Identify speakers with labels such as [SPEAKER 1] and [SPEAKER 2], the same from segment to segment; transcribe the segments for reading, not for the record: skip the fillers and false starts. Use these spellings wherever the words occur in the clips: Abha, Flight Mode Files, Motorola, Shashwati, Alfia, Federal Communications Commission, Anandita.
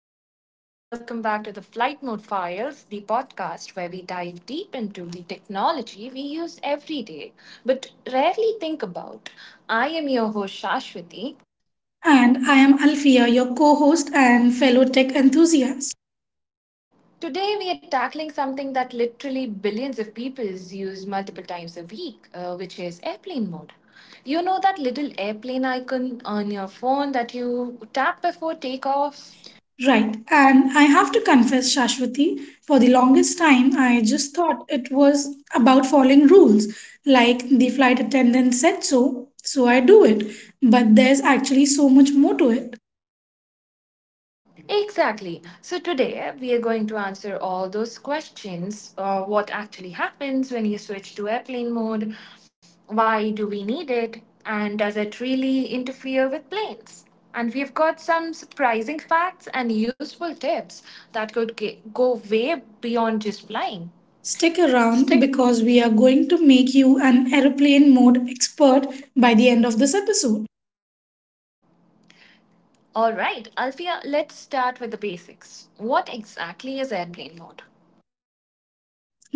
[SPEAKER 1] everyone, and welcome back to the Flight Mode Files, the podcast where we dive deep into the technology we use every day but rarely think about. I am your host, Shashwati.
[SPEAKER 2] And I am Alfia, your co host and fellow tech enthusiast.
[SPEAKER 1] Today, we are tackling something that literally billions of people use multiple times a week, which is airplane mode. You know that little airplane icon on your phone that you tap before takeoff?
[SPEAKER 2] Right, and I have to confess, Shashwati, for the longest time, I just thought it was about following rules, like the flight attendant said so, so I do it. But there's actually so much more to it.
[SPEAKER 1] Exactly. So today we are going to answer all those questions. What actually happens when you switch to airplane mode? Why do we need it? And does it really interfere with planes? And we've got some surprising facts and useful tips that could go way beyond just flying.
[SPEAKER 2] Stick around
[SPEAKER 1] Stick.
[SPEAKER 2] because we are going to make you an aeroplane mode expert by the end of this episode.
[SPEAKER 1] All right, Alfia, let's start with the basics. What exactly is airplane mode?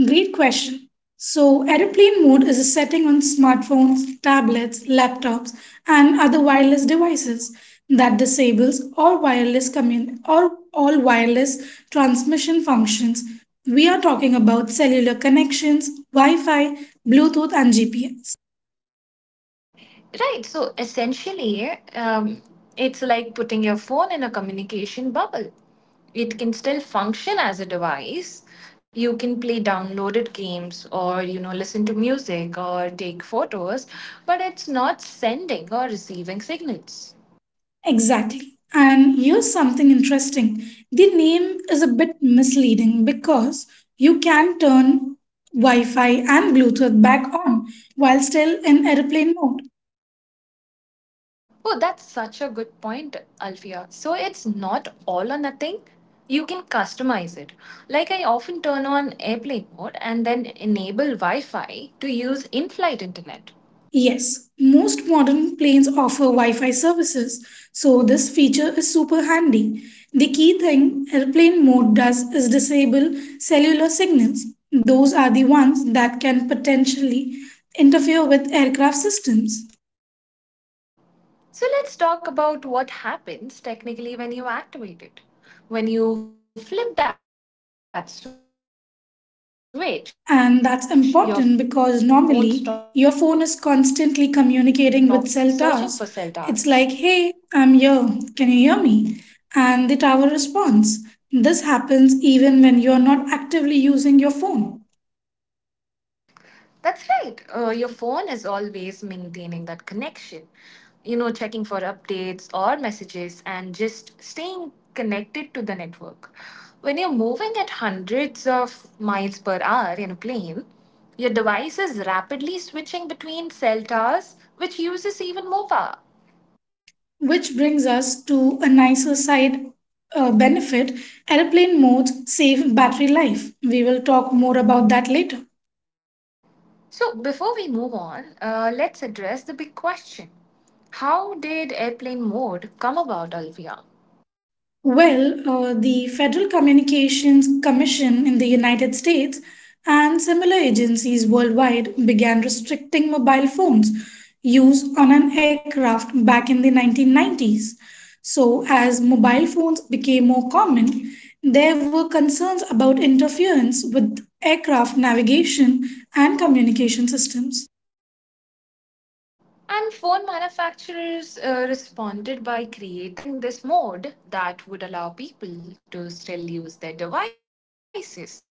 [SPEAKER 2] Great question. So, aeroplane mode is a setting on smartphones, tablets, laptops, and other wireless devices that disables all wireless commun- or all wireless transmission functions. We are talking about cellular connections, Wi-Fi, Bluetooth, and GPS.
[SPEAKER 1] Right. So essentially, it's like putting your phone in a communication bubble. It can still function as a device. You can play downloaded games or, you know, listen to music or take photos, but it's not sending or receiving signals.
[SPEAKER 2] Exactly. And here's something interesting. The name is a bit misleading because you can turn Wi Fi and Bluetooth back on while still in airplane mode.
[SPEAKER 1] Oh, that's such a good point, Alfia. So it's not all or nothing. You can customize it. Like I often turn on airplane mode and then enable Wi Fi to use in flight internet.
[SPEAKER 2] Yes, most modern planes offer Wi Fi services, so this feature is super handy. The key thing airplane mode does is disable cellular signals. Those are the ones that can potentially interfere with aircraft systems.
[SPEAKER 1] So let's talk about what happens technically when you activate it. When you flip that switch, your phone stops searching for cell towers.
[SPEAKER 2] And that's important because normally your phone is constantly communicating with cell towers. It's like, hey, I'm here. Can you hear me? And the tower responds. This happens even when you're not actively using your phone.
[SPEAKER 1] That's right. Your phone is always maintaining that connection, you know, checking for updates or messages and just staying connected to the network. When you're moving at hundreds of miles per hour in a plane, your device is rapidly switching between cell towers, which uses even more power.
[SPEAKER 2] Which brings us to a nicer side benefit, airplane modes save battery life. We will talk more about that later.
[SPEAKER 1] So, before we move on, let's address the big question. How did airplane mode come about, Alvia?
[SPEAKER 2] The Federal Communications Commission in the United States and similar agencies worldwide began restricting mobile phones use on an aircraft back in the 1990s. So, as mobile phones became more common, there were concerns about interference with aircraft navigation and communication systems.
[SPEAKER 1] And phone manufacturers responded by creating this mode that would allow people to still use their devices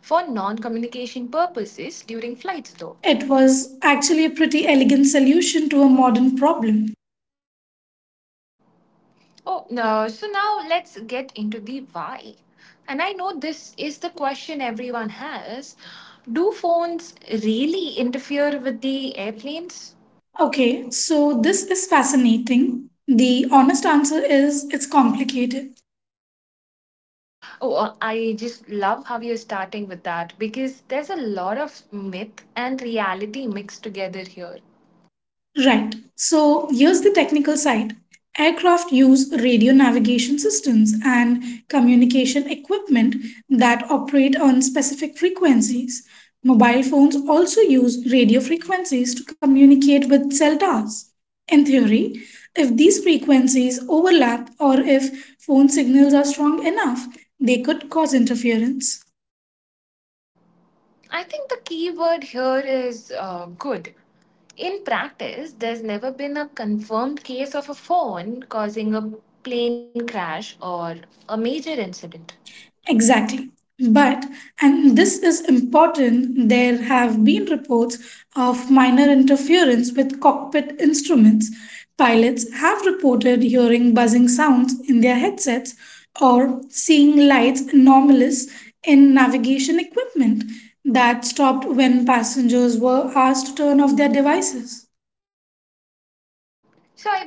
[SPEAKER 1] for non communication purposes during flights, though.
[SPEAKER 2] It was actually a pretty elegant solution to a modern problem.
[SPEAKER 1] Oh, no. So, now let's get into the why. And I know this is the question everyone has. Do phones really interfere with the airplanes?
[SPEAKER 2] Okay, so this is fascinating. The honest answer is it's complicated.
[SPEAKER 1] Oh, I just love how you're starting with that because there's a lot of myth and reality mixed together here.
[SPEAKER 2] Right, so here's the technical side. Aircraft use radio navigation systems and communication equipment that operate on specific frequencies. Mobile phones also use radio frequencies to communicate with cell towers. In theory, if these frequencies overlap or if phone signals are strong enough, they could cause interference.
[SPEAKER 1] I think the key word here is good. In practice, there's never been a confirmed case of a phone causing a plane crash or a major incident.
[SPEAKER 2] Exactly. But, and this is important, there have been reports of minor interference with cockpit instruments. Pilots have reported hearing buzzing sounds in their headsets or seeing lights anomalous in navigation equipment that stopped when passengers were asked to turn off their devices.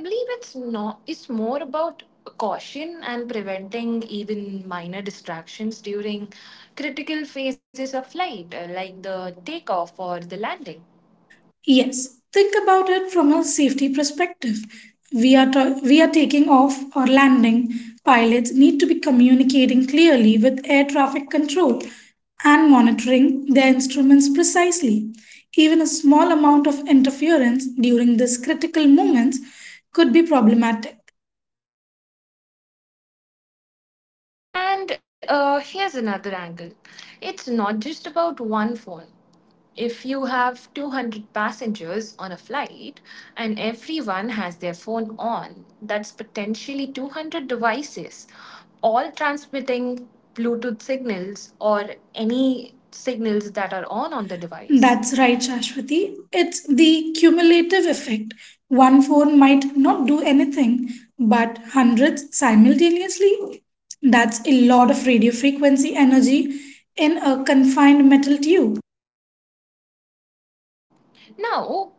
[SPEAKER 1] So I believe it's not it's more about caution and preventing even minor distractions during critical phases of flight like the takeoff or the landing.
[SPEAKER 2] Yes, think about it from a safety perspective. We are taking off or landing. Pilots need to be communicating clearly with air traffic control and monitoring their instruments precisely. Even a small amount of interference during these critical moments could be problematic.
[SPEAKER 1] And here's another angle. It's not just about one phone. If you have 200 passengers on a flight and everyone has their phone on, that's potentially 200 devices, all transmitting Bluetooth signals or any signals that are on the device.
[SPEAKER 2] That's right, Shashwati. It's the cumulative effect. One phone might not do anything, but hundreds simultaneously. That's a lot of radio frequency energy in a confined metal tube.
[SPEAKER 1] Now,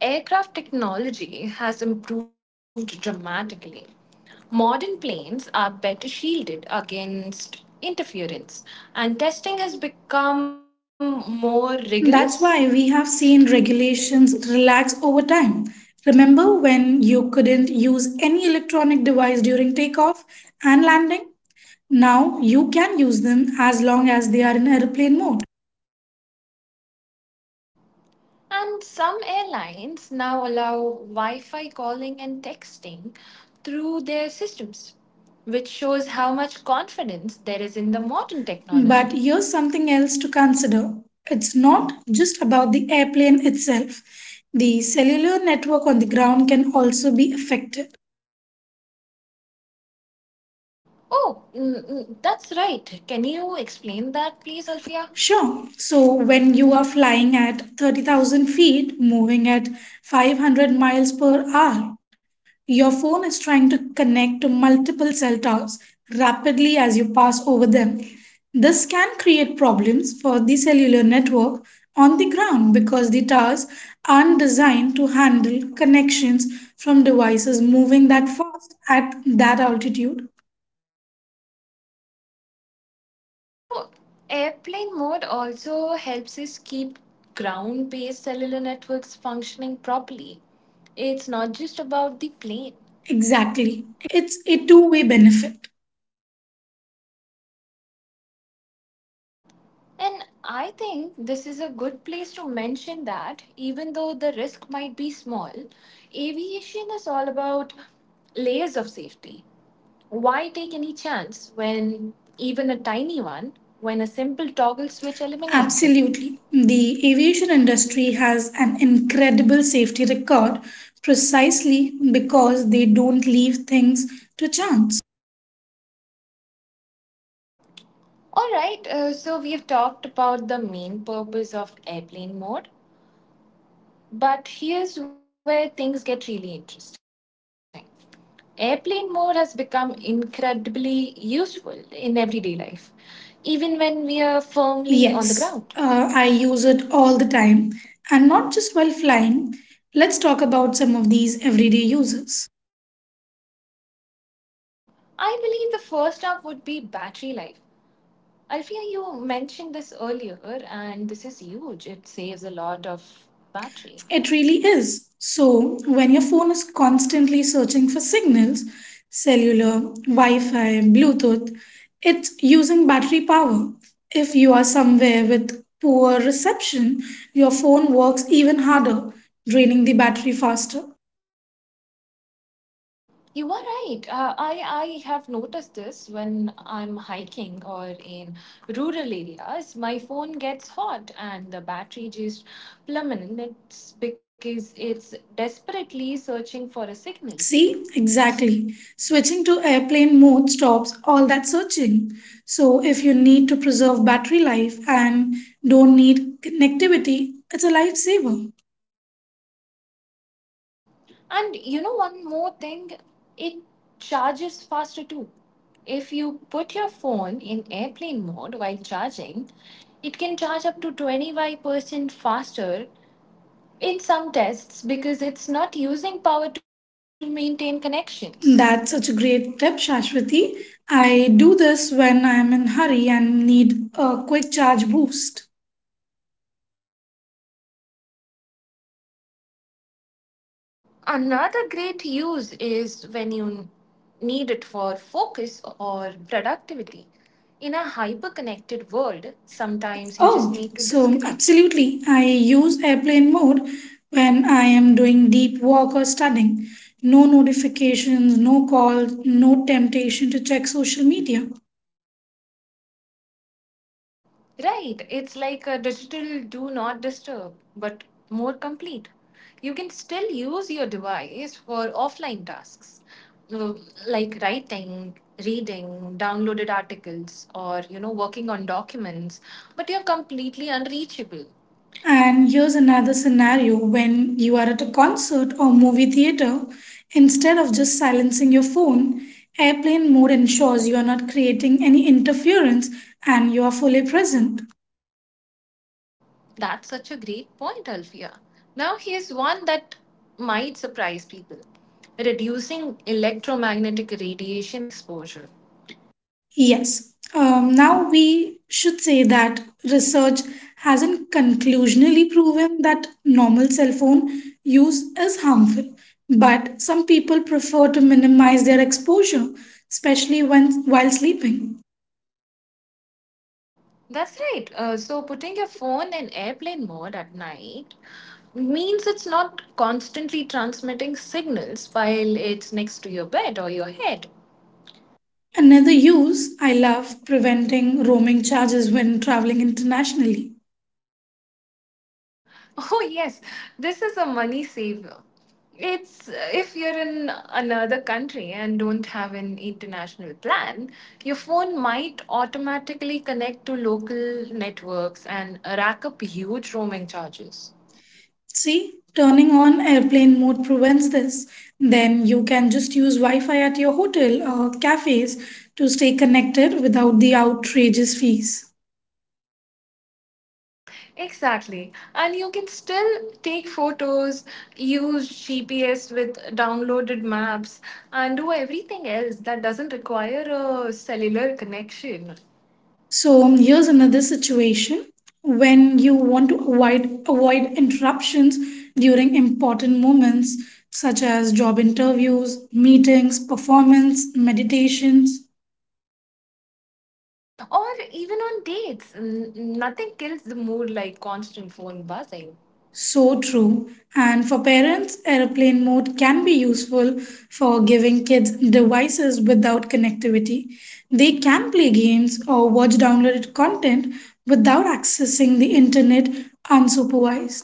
[SPEAKER 1] aircraft technology has improved dramatically. Modern planes are better shielded against interference, and testing has become more rigorous.
[SPEAKER 2] That's why we have seen regulations relax over time. Remember when you couldn't use any electronic device during takeoff and landing? Now you can use them as long as they are in airplane mode.
[SPEAKER 1] And some airlines now allow Wi Fi calling and texting through their systems, which shows how much confidence there is in the modern
[SPEAKER 2] But
[SPEAKER 1] technology.
[SPEAKER 2] here's something else to consider. It's not just about the airplane itself. The cellular network on the ground can also be affected.
[SPEAKER 1] Oh, that's right. Can you explain that, please, Alfia?
[SPEAKER 2] Sure. So when you are flying at 30,000 feet, moving at 500 miles per hour, your phone is trying to connect to multiple cell towers rapidly as you pass over them. This can create problems for the cellular network on the ground because the towers aren't designed to handle connections from devices moving that fast at that altitude.
[SPEAKER 1] So, airplane mode also helps us keep ground based cellular networks functioning properly. It's not just about the plane.
[SPEAKER 2] Exactly. It's a two-way benefit.
[SPEAKER 1] And I think this is a good place to mention that even though the risk might be small, aviation is all about layers of safety. Why take any chance when even a tiny one, when a simple toggle switch eliminates it?
[SPEAKER 2] Absolutely. The aviation industry has an incredible safety record precisely because they don't leave things to chance.
[SPEAKER 1] All right, so we've talked about the main purpose of airplane mode, but here's where things get really interesting. Airplane mode has become incredibly useful in everyday life, even when we are firmly on the ground.
[SPEAKER 2] Yes, I use it all the time and not just while flying. Let's talk about some of these everyday uses.
[SPEAKER 1] I believe the first up would be battery life. Alfia, you mentioned this earlier, and this is huge. It saves a lot of battery.
[SPEAKER 2] It really is. So, when your phone is constantly searching for signals, cellular, Wi Fi, Bluetooth, it's using battery power. If you are somewhere with poor reception, your phone works even harder, draining the battery faster.
[SPEAKER 1] You are right. I have noticed this when I'm hiking or in rural areas, my phone gets hot and the battery just plummets because it's desperately searching for a signal.
[SPEAKER 2] See, exactly. Switching to airplane mode stops all that searching. So, if you need to preserve battery life and don't need connectivity, it's a lifesaver.
[SPEAKER 1] And you know one more thing, it charges faster too. If you put your phone in airplane mode while charging, it can charge up to 25% faster in some tests because it's not using power to maintain connections.
[SPEAKER 2] That's such a great tip, Shashwati. I do this when I'm in hurry and need a quick charge boost.
[SPEAKER 1] Another great use is when you need it for focus or productivity. In a hyper connected world, sometimes you just need to
[SPEAKER 2] Oh,
[SPEAKER 1] disconnect.
[SPEAKER 2] so absolutely. I use airplane mode when I am doing deep work or studying. No notifications, no calls, no temptation to check social media.
[SPEAKER 1] Right, it's like a digital do not disturb, but more complete. You can still use your device for offline tasks uh, like writing, reading, downloaded articles, or you know, working on documents, but you're completely unreachable.
[SPEAKER 2] And here's another scenario when you are at a concert or movie theater, instead of just silencing your phone, airplane mode ensures you are not creating any interference and you are fully present.
[SPEAKER 1] That's such a great point, Alfia. Now, here's one that might surprise people reducing electromagnetic radiation exposure.
[SPEAKER 2] Yes, now we should say that research hasn't conclusionally proven that normal cell phone use is harmful, but some people prefer to minimize their exposure, especially when while sleeping.
[SPEAKER 1] That's right. So putting your phone in airplane mode at night means it's not constantly transmitting signals while it's next to your bed or your head.
[SPEAKER 2] Another use I love preventing roaming charges when traveling internationally.
[SPEAKER 1] Oh yes, this is a money saver. It's if you're in another country and don't have an international plan, your phone might automatically connect to local networks and rack up huge roaming charges.
[SPEAKER 2] See, turning on airplane mode prevents this. Then you can just use Wi Fi at your hotel or cafes to stay connected without the outrageous fees.
[SPEAKER 1] Exactly. And you can still take photos, use GPS with downloaded maps, and do everything else that doesn't require a cellular connection.
[SPEAKER 2] So here's another situation when you want to avoid interruptions during important moments such as job interviews, meetings, performance, meditations.
[SPEAKER 1] Or even on dates, nothing kills the mood like constant phone buzzing.
[SPEAKER 2] So true. And for parents, airplane mode can be useful for giving kids devices without connectivity. They can play games or watch downloaded content without accessing the internet unsupervised.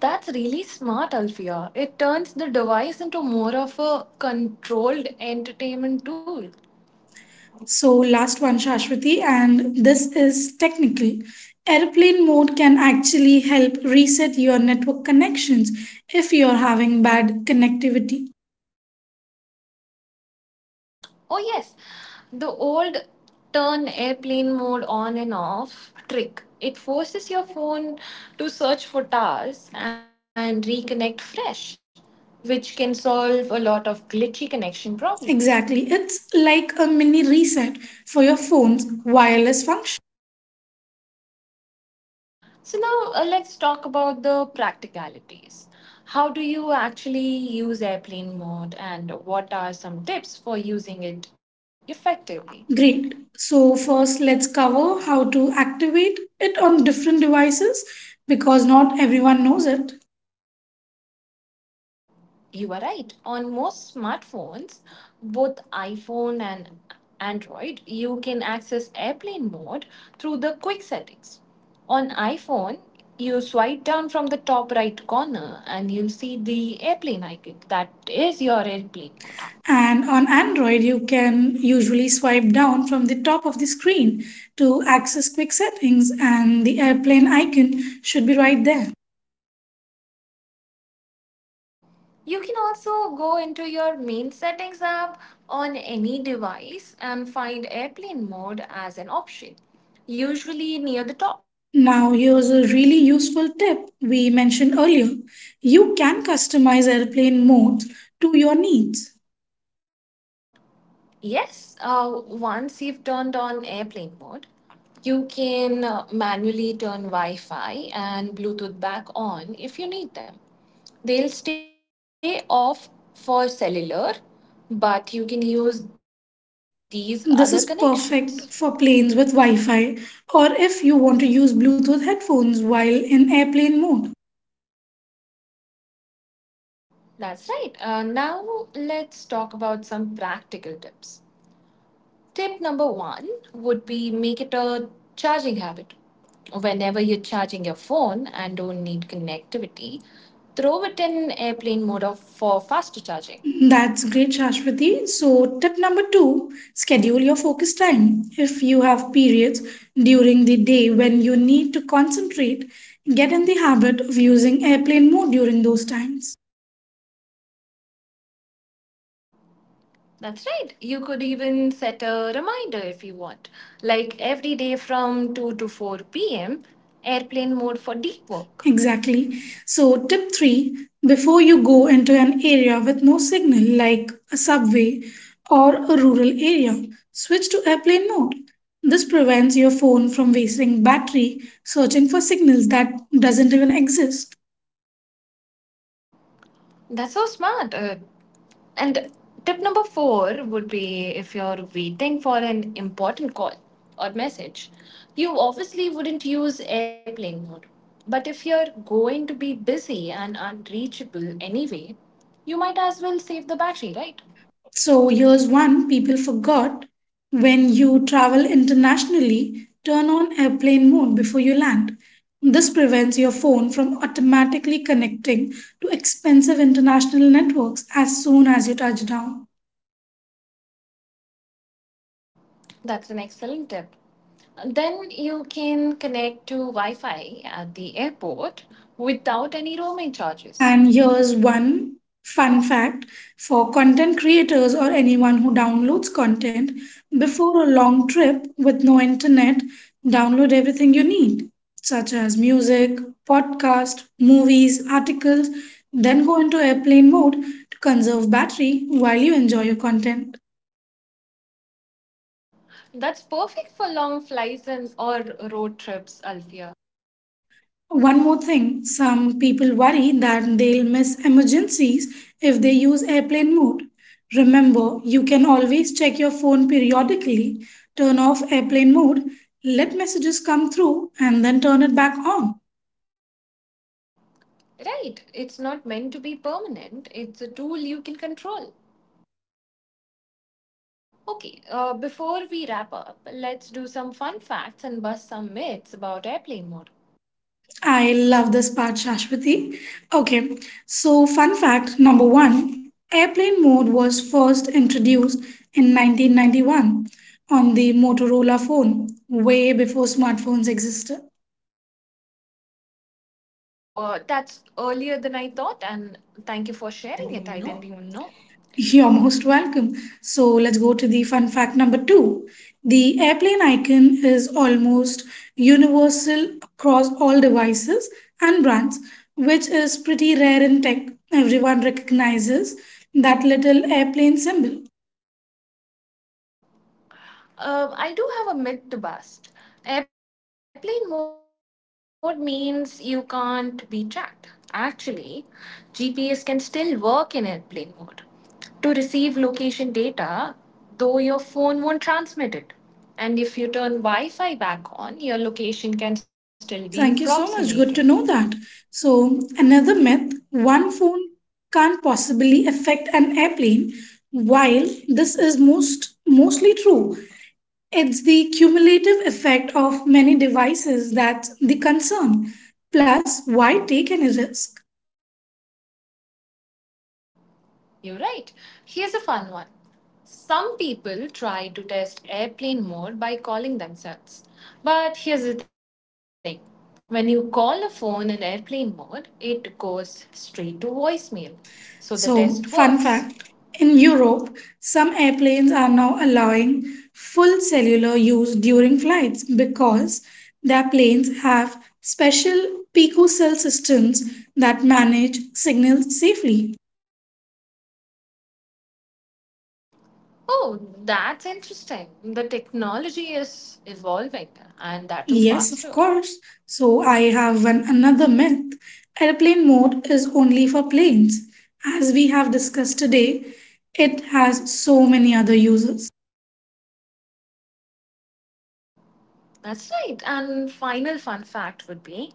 [SPEAKER 1] That's really smart, Alfia. It turns the device into more of a controlled entertainment tool.
[SPEAKER 2] So, last one, Shashwati, and this is technical. Airplane mode can actually help reset your network connections if you're having bad connectivity.
[SPEAKER 1] Oh, yes. The old turn airplane mode on and off trick. It forces your phone to search for towers and reconnect fresh, which can solve a lot of glitchy connection problems.
[SPEAKER 2] Exactly. It's like a mini reset for your phone's wireless function.
[SPEAKER 1] So, now let's talk about the practicalities. How do you actually use airplane mode, and what are some tips for using it effectively?
[SPEAKER 2] Great. So, first, let's cover how to activate it on different devices because not everyone knows it.
[SPEAKER 1] You are right. On most smartphones, both iPhone and Android, you can access airplane mode through the quick settings. On iPhone, you swipe down from the top right corner and you'll see the airplane icon. That is your airplane mode.
[SPEAKER 2] And on Android, you can usually swipe down from the top of the screen to access quick settings, and the airplane icon should be right there.
[SPEAKER 1] You can also go into your main settings app on any device and find airplane mode as an option, usually near the top.
[SPEAKER 2] Now, here's a really useful tip we mentioned earlier. You can customize airplane modes to your needs.
[SPEAKER 1] Yes, once you've turned on airplane mode, you can manually turn Wi Fi and Bluetooth back on if you need them. They'll stay off for cellular, but you can use these other
[SPEAKER 2] This
[SPEAKER 1] connections.
[SPEAKER 2] is perfect for planes with Wi Fi or if you want to use Bluetooth headphones while in airplane mode.
[SPEAKER 1] That's right. Now, let's talk about some practical tips. Tip number one would be make it a charging habit. Whenever you're charging your phone and don't need connectivity, throw it in airplane mode for faster charging.
[SPEAKER 2] That's great, Shashwati. So, tip number two, schedule your focus time. If you have periods during the day when you need to concentrate, get in the habit of using airplane mode during those times.
[SPEAKER 1] That's right. You could even set a reminder if you want. Like every day from 2 to 4 p.m., airplane mode for deep work.
[SPEAKER 2] Exactly. So, tip three, before you go into an area with no signal, like a subway or a rural area, switch to airplane mode. This prevents your phone from wasting battery searching for signals that doesn't even exist.
[SPEAKER 1] That's so smart. And tip number four would be if you're waiting for an important call or message, you obviously wouldn't use airplane mode. But if you're going to be busy and unreachable anyway, you might as well save the battery, right?
[SPEAKER 2] So here's one people forgot. When you travel internationally, turn on airplane mode before you land. This prevents your phone from automatically connecting to expensive international networks as soon as you touch down.
[SPEAKER 1] That's an excellent tip. Then you can connect to Wi Fi at the airport without any roaming charges.
[SPEAKER 2] And here's one fun fact for content creators or anyone who downloads content before a long trip with no internet, download everything you need, such as music, podcast, movies, articles, then go into airplane mode to conserve battery while you enjoy your content.
[SPEAKER 1] That's perfect for long flights and or road trips, Alfia.
[SPEAKER 2] One more thing, some people worry that they'll miss emergencies if they use airplane mode. Remember, you can always check your phone periodically, turn off airplane mode, let messages come through, and then turn it back on.
[SPEAKER 1] Right, it's not meant to be permanent, it's a tool you can control. Okay, before we wrap up, let's do some fun facts and bust some myths about airplane mode.
[SPEAKER 2] I love this part, Shashwati. Okay, so fun fact number one, airplane mode was first introduced in 1991 on the Motorola phone, way before smartphones existed.
[SPEAKER 1] Wow, that's earlier than I thought, and thank you for sharing it. I didn't even know.
[SPEAKER 2] You're most welcome. So let's go to the fun fact number two. The airplane icon is almost universal across all devices and brands, which is pretty rare in tech. Everyone recognizes that little airplane symbol.
[SPEAKER 1] I do have a myth to bust. Airplane mode means you can't be tracked. Actually, GPS can still work in airplane mode to receive location data, though your phone won't transmit it. And if you turn Wi Fi back on, your location can still be
[SPEAKER 2] Thank you so
[SPEAKER 1] approximated.
[SPEAKER 2] much. Good to know that. So, another myth, one phone can't possibly affect an airplane. While this is mostly true, it's the cumulative effect of many devices that's the concern. Plus, why take any risk?
[SPEAKER 1] You're right. Here's a fun one. Some people try to test airplane mode by calling themselves. But here's the thing, when you call a phone in airplane mode, it goes straight to voicemail. So the test works.
[SPEAKER 2] So, fun fact, in Europe, some airplanes are now allowing full cellular use during flights because their planes have special picocell systems that manage signals safely.
[SPEAKER 1] Oh, that's interesting. The technology is evolving and that too
[SPEAKER 2] Yes, of
[SPEAKER 1] faster.
[SPEAKER 2] course. So I have another myth. Airplane mode is only for planes. As we have discussed today, it has so many other uses.
[SPEAKER 1] That's right. And final fun fact would be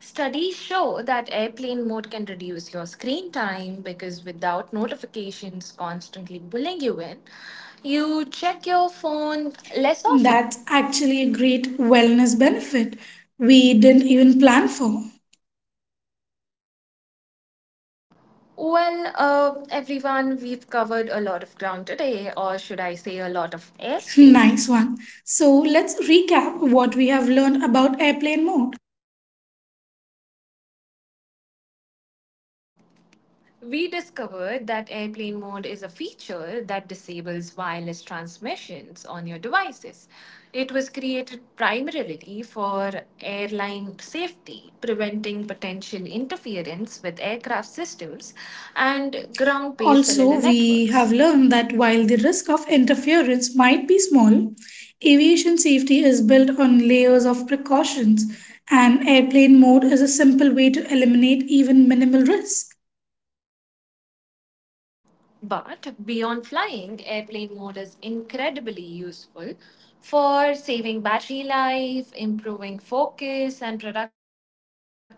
[SPEAKER 1] studies show that airplane mode can reduce your screen time because without notifications constantly pulling you in, you check your phone less often.
[SPEAKER 2] That's actually a great wellness benefit we didn't even plan for.
[SPEAKER 1] Well, everyone, we've covered a lot of ground today, or should I say, a lot of airspace.
[SPEAKER 2] Nice one. So let's recap what we have learned about airplane mode.
[SPEAKER 1] We discovered that airplane mode is a feature that disables wireless transmissions on your devices. It was created primarily for airline safety, preventing potential interference with aircraft systems and ground based cellular
[SPEAKER 2] Also,
[SPEAKER 1] networks.
[SPEAKER 2] we have learned that while the risk of interference might be small, aviation safety is built on layers of precautions, and airplane mode is a simple way to eliminate even minimal risk.
[SPEAKER 1] But beyond flying, airplane mode is incredibly useful for saving battery life, improving focus and productivity,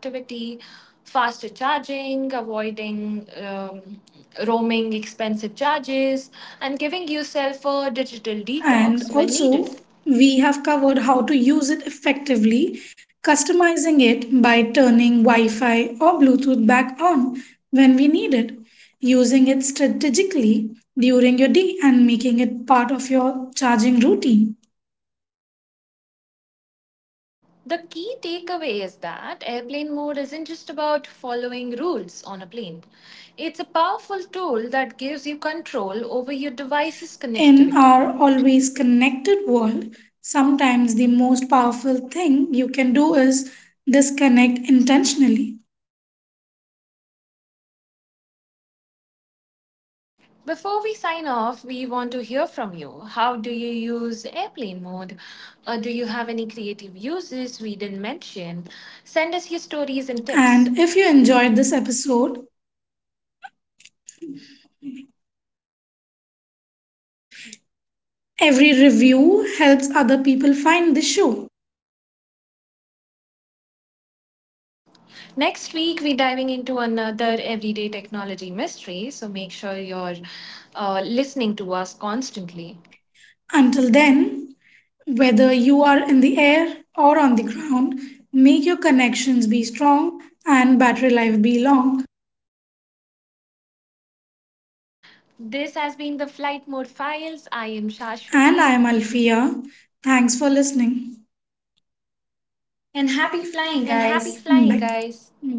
[SPEAKER 1] faster charging, avoiding roaming expensive charges, and giving yourself a digital detox when needed.
[SPEAKER 2] And also, we have covered how to use it effectively, customizing it by turning Wi Fi or Bluetooth back on when we need it, using it strategically during your day, and making it part of your charging routine.
[SPEAKER 1] The key takeaway is that airplane mode isn't just about following rules on a plane. It's a powerful tool that gives you control over your device's
[SPEAKER 2] In
[SPEAKER 1] connectivity.
[SPEAKER 2] our always connected world, sometimes the most powerful thing you can do is disconnect intentionally.
[SPEAKER 1] Before we sign off, we want to hear from you. How do you use airplane mode? Do you have any creative uses we didn't mention? Send us your stories and tips.
[SPEAKER 2] And if you enjoyed this episode, every review helps other people find the show.
[SPEAKER 1] Next week, we're diving into another everyday technology mystery, so make sure you're listening to us constantly.
[SPEAKER 2] Until then, whether you are in the air or on the ground, make your connections be strong and battery life be long.
[SPEAKER 1] This has been the Flight Mode Files. I am
[SPEAKER 2] And I am
[SPEAKER 1] Shashwati,
[SPEAKER 2] Alfia. Thanks for listening. And happy flying,
[SPEAKER 1] and
[SPEAKER 2] guys!
[SPEAKER 1] happy
[SPEAKER 2] Bye.
[SPEAKER 1] flying, guys.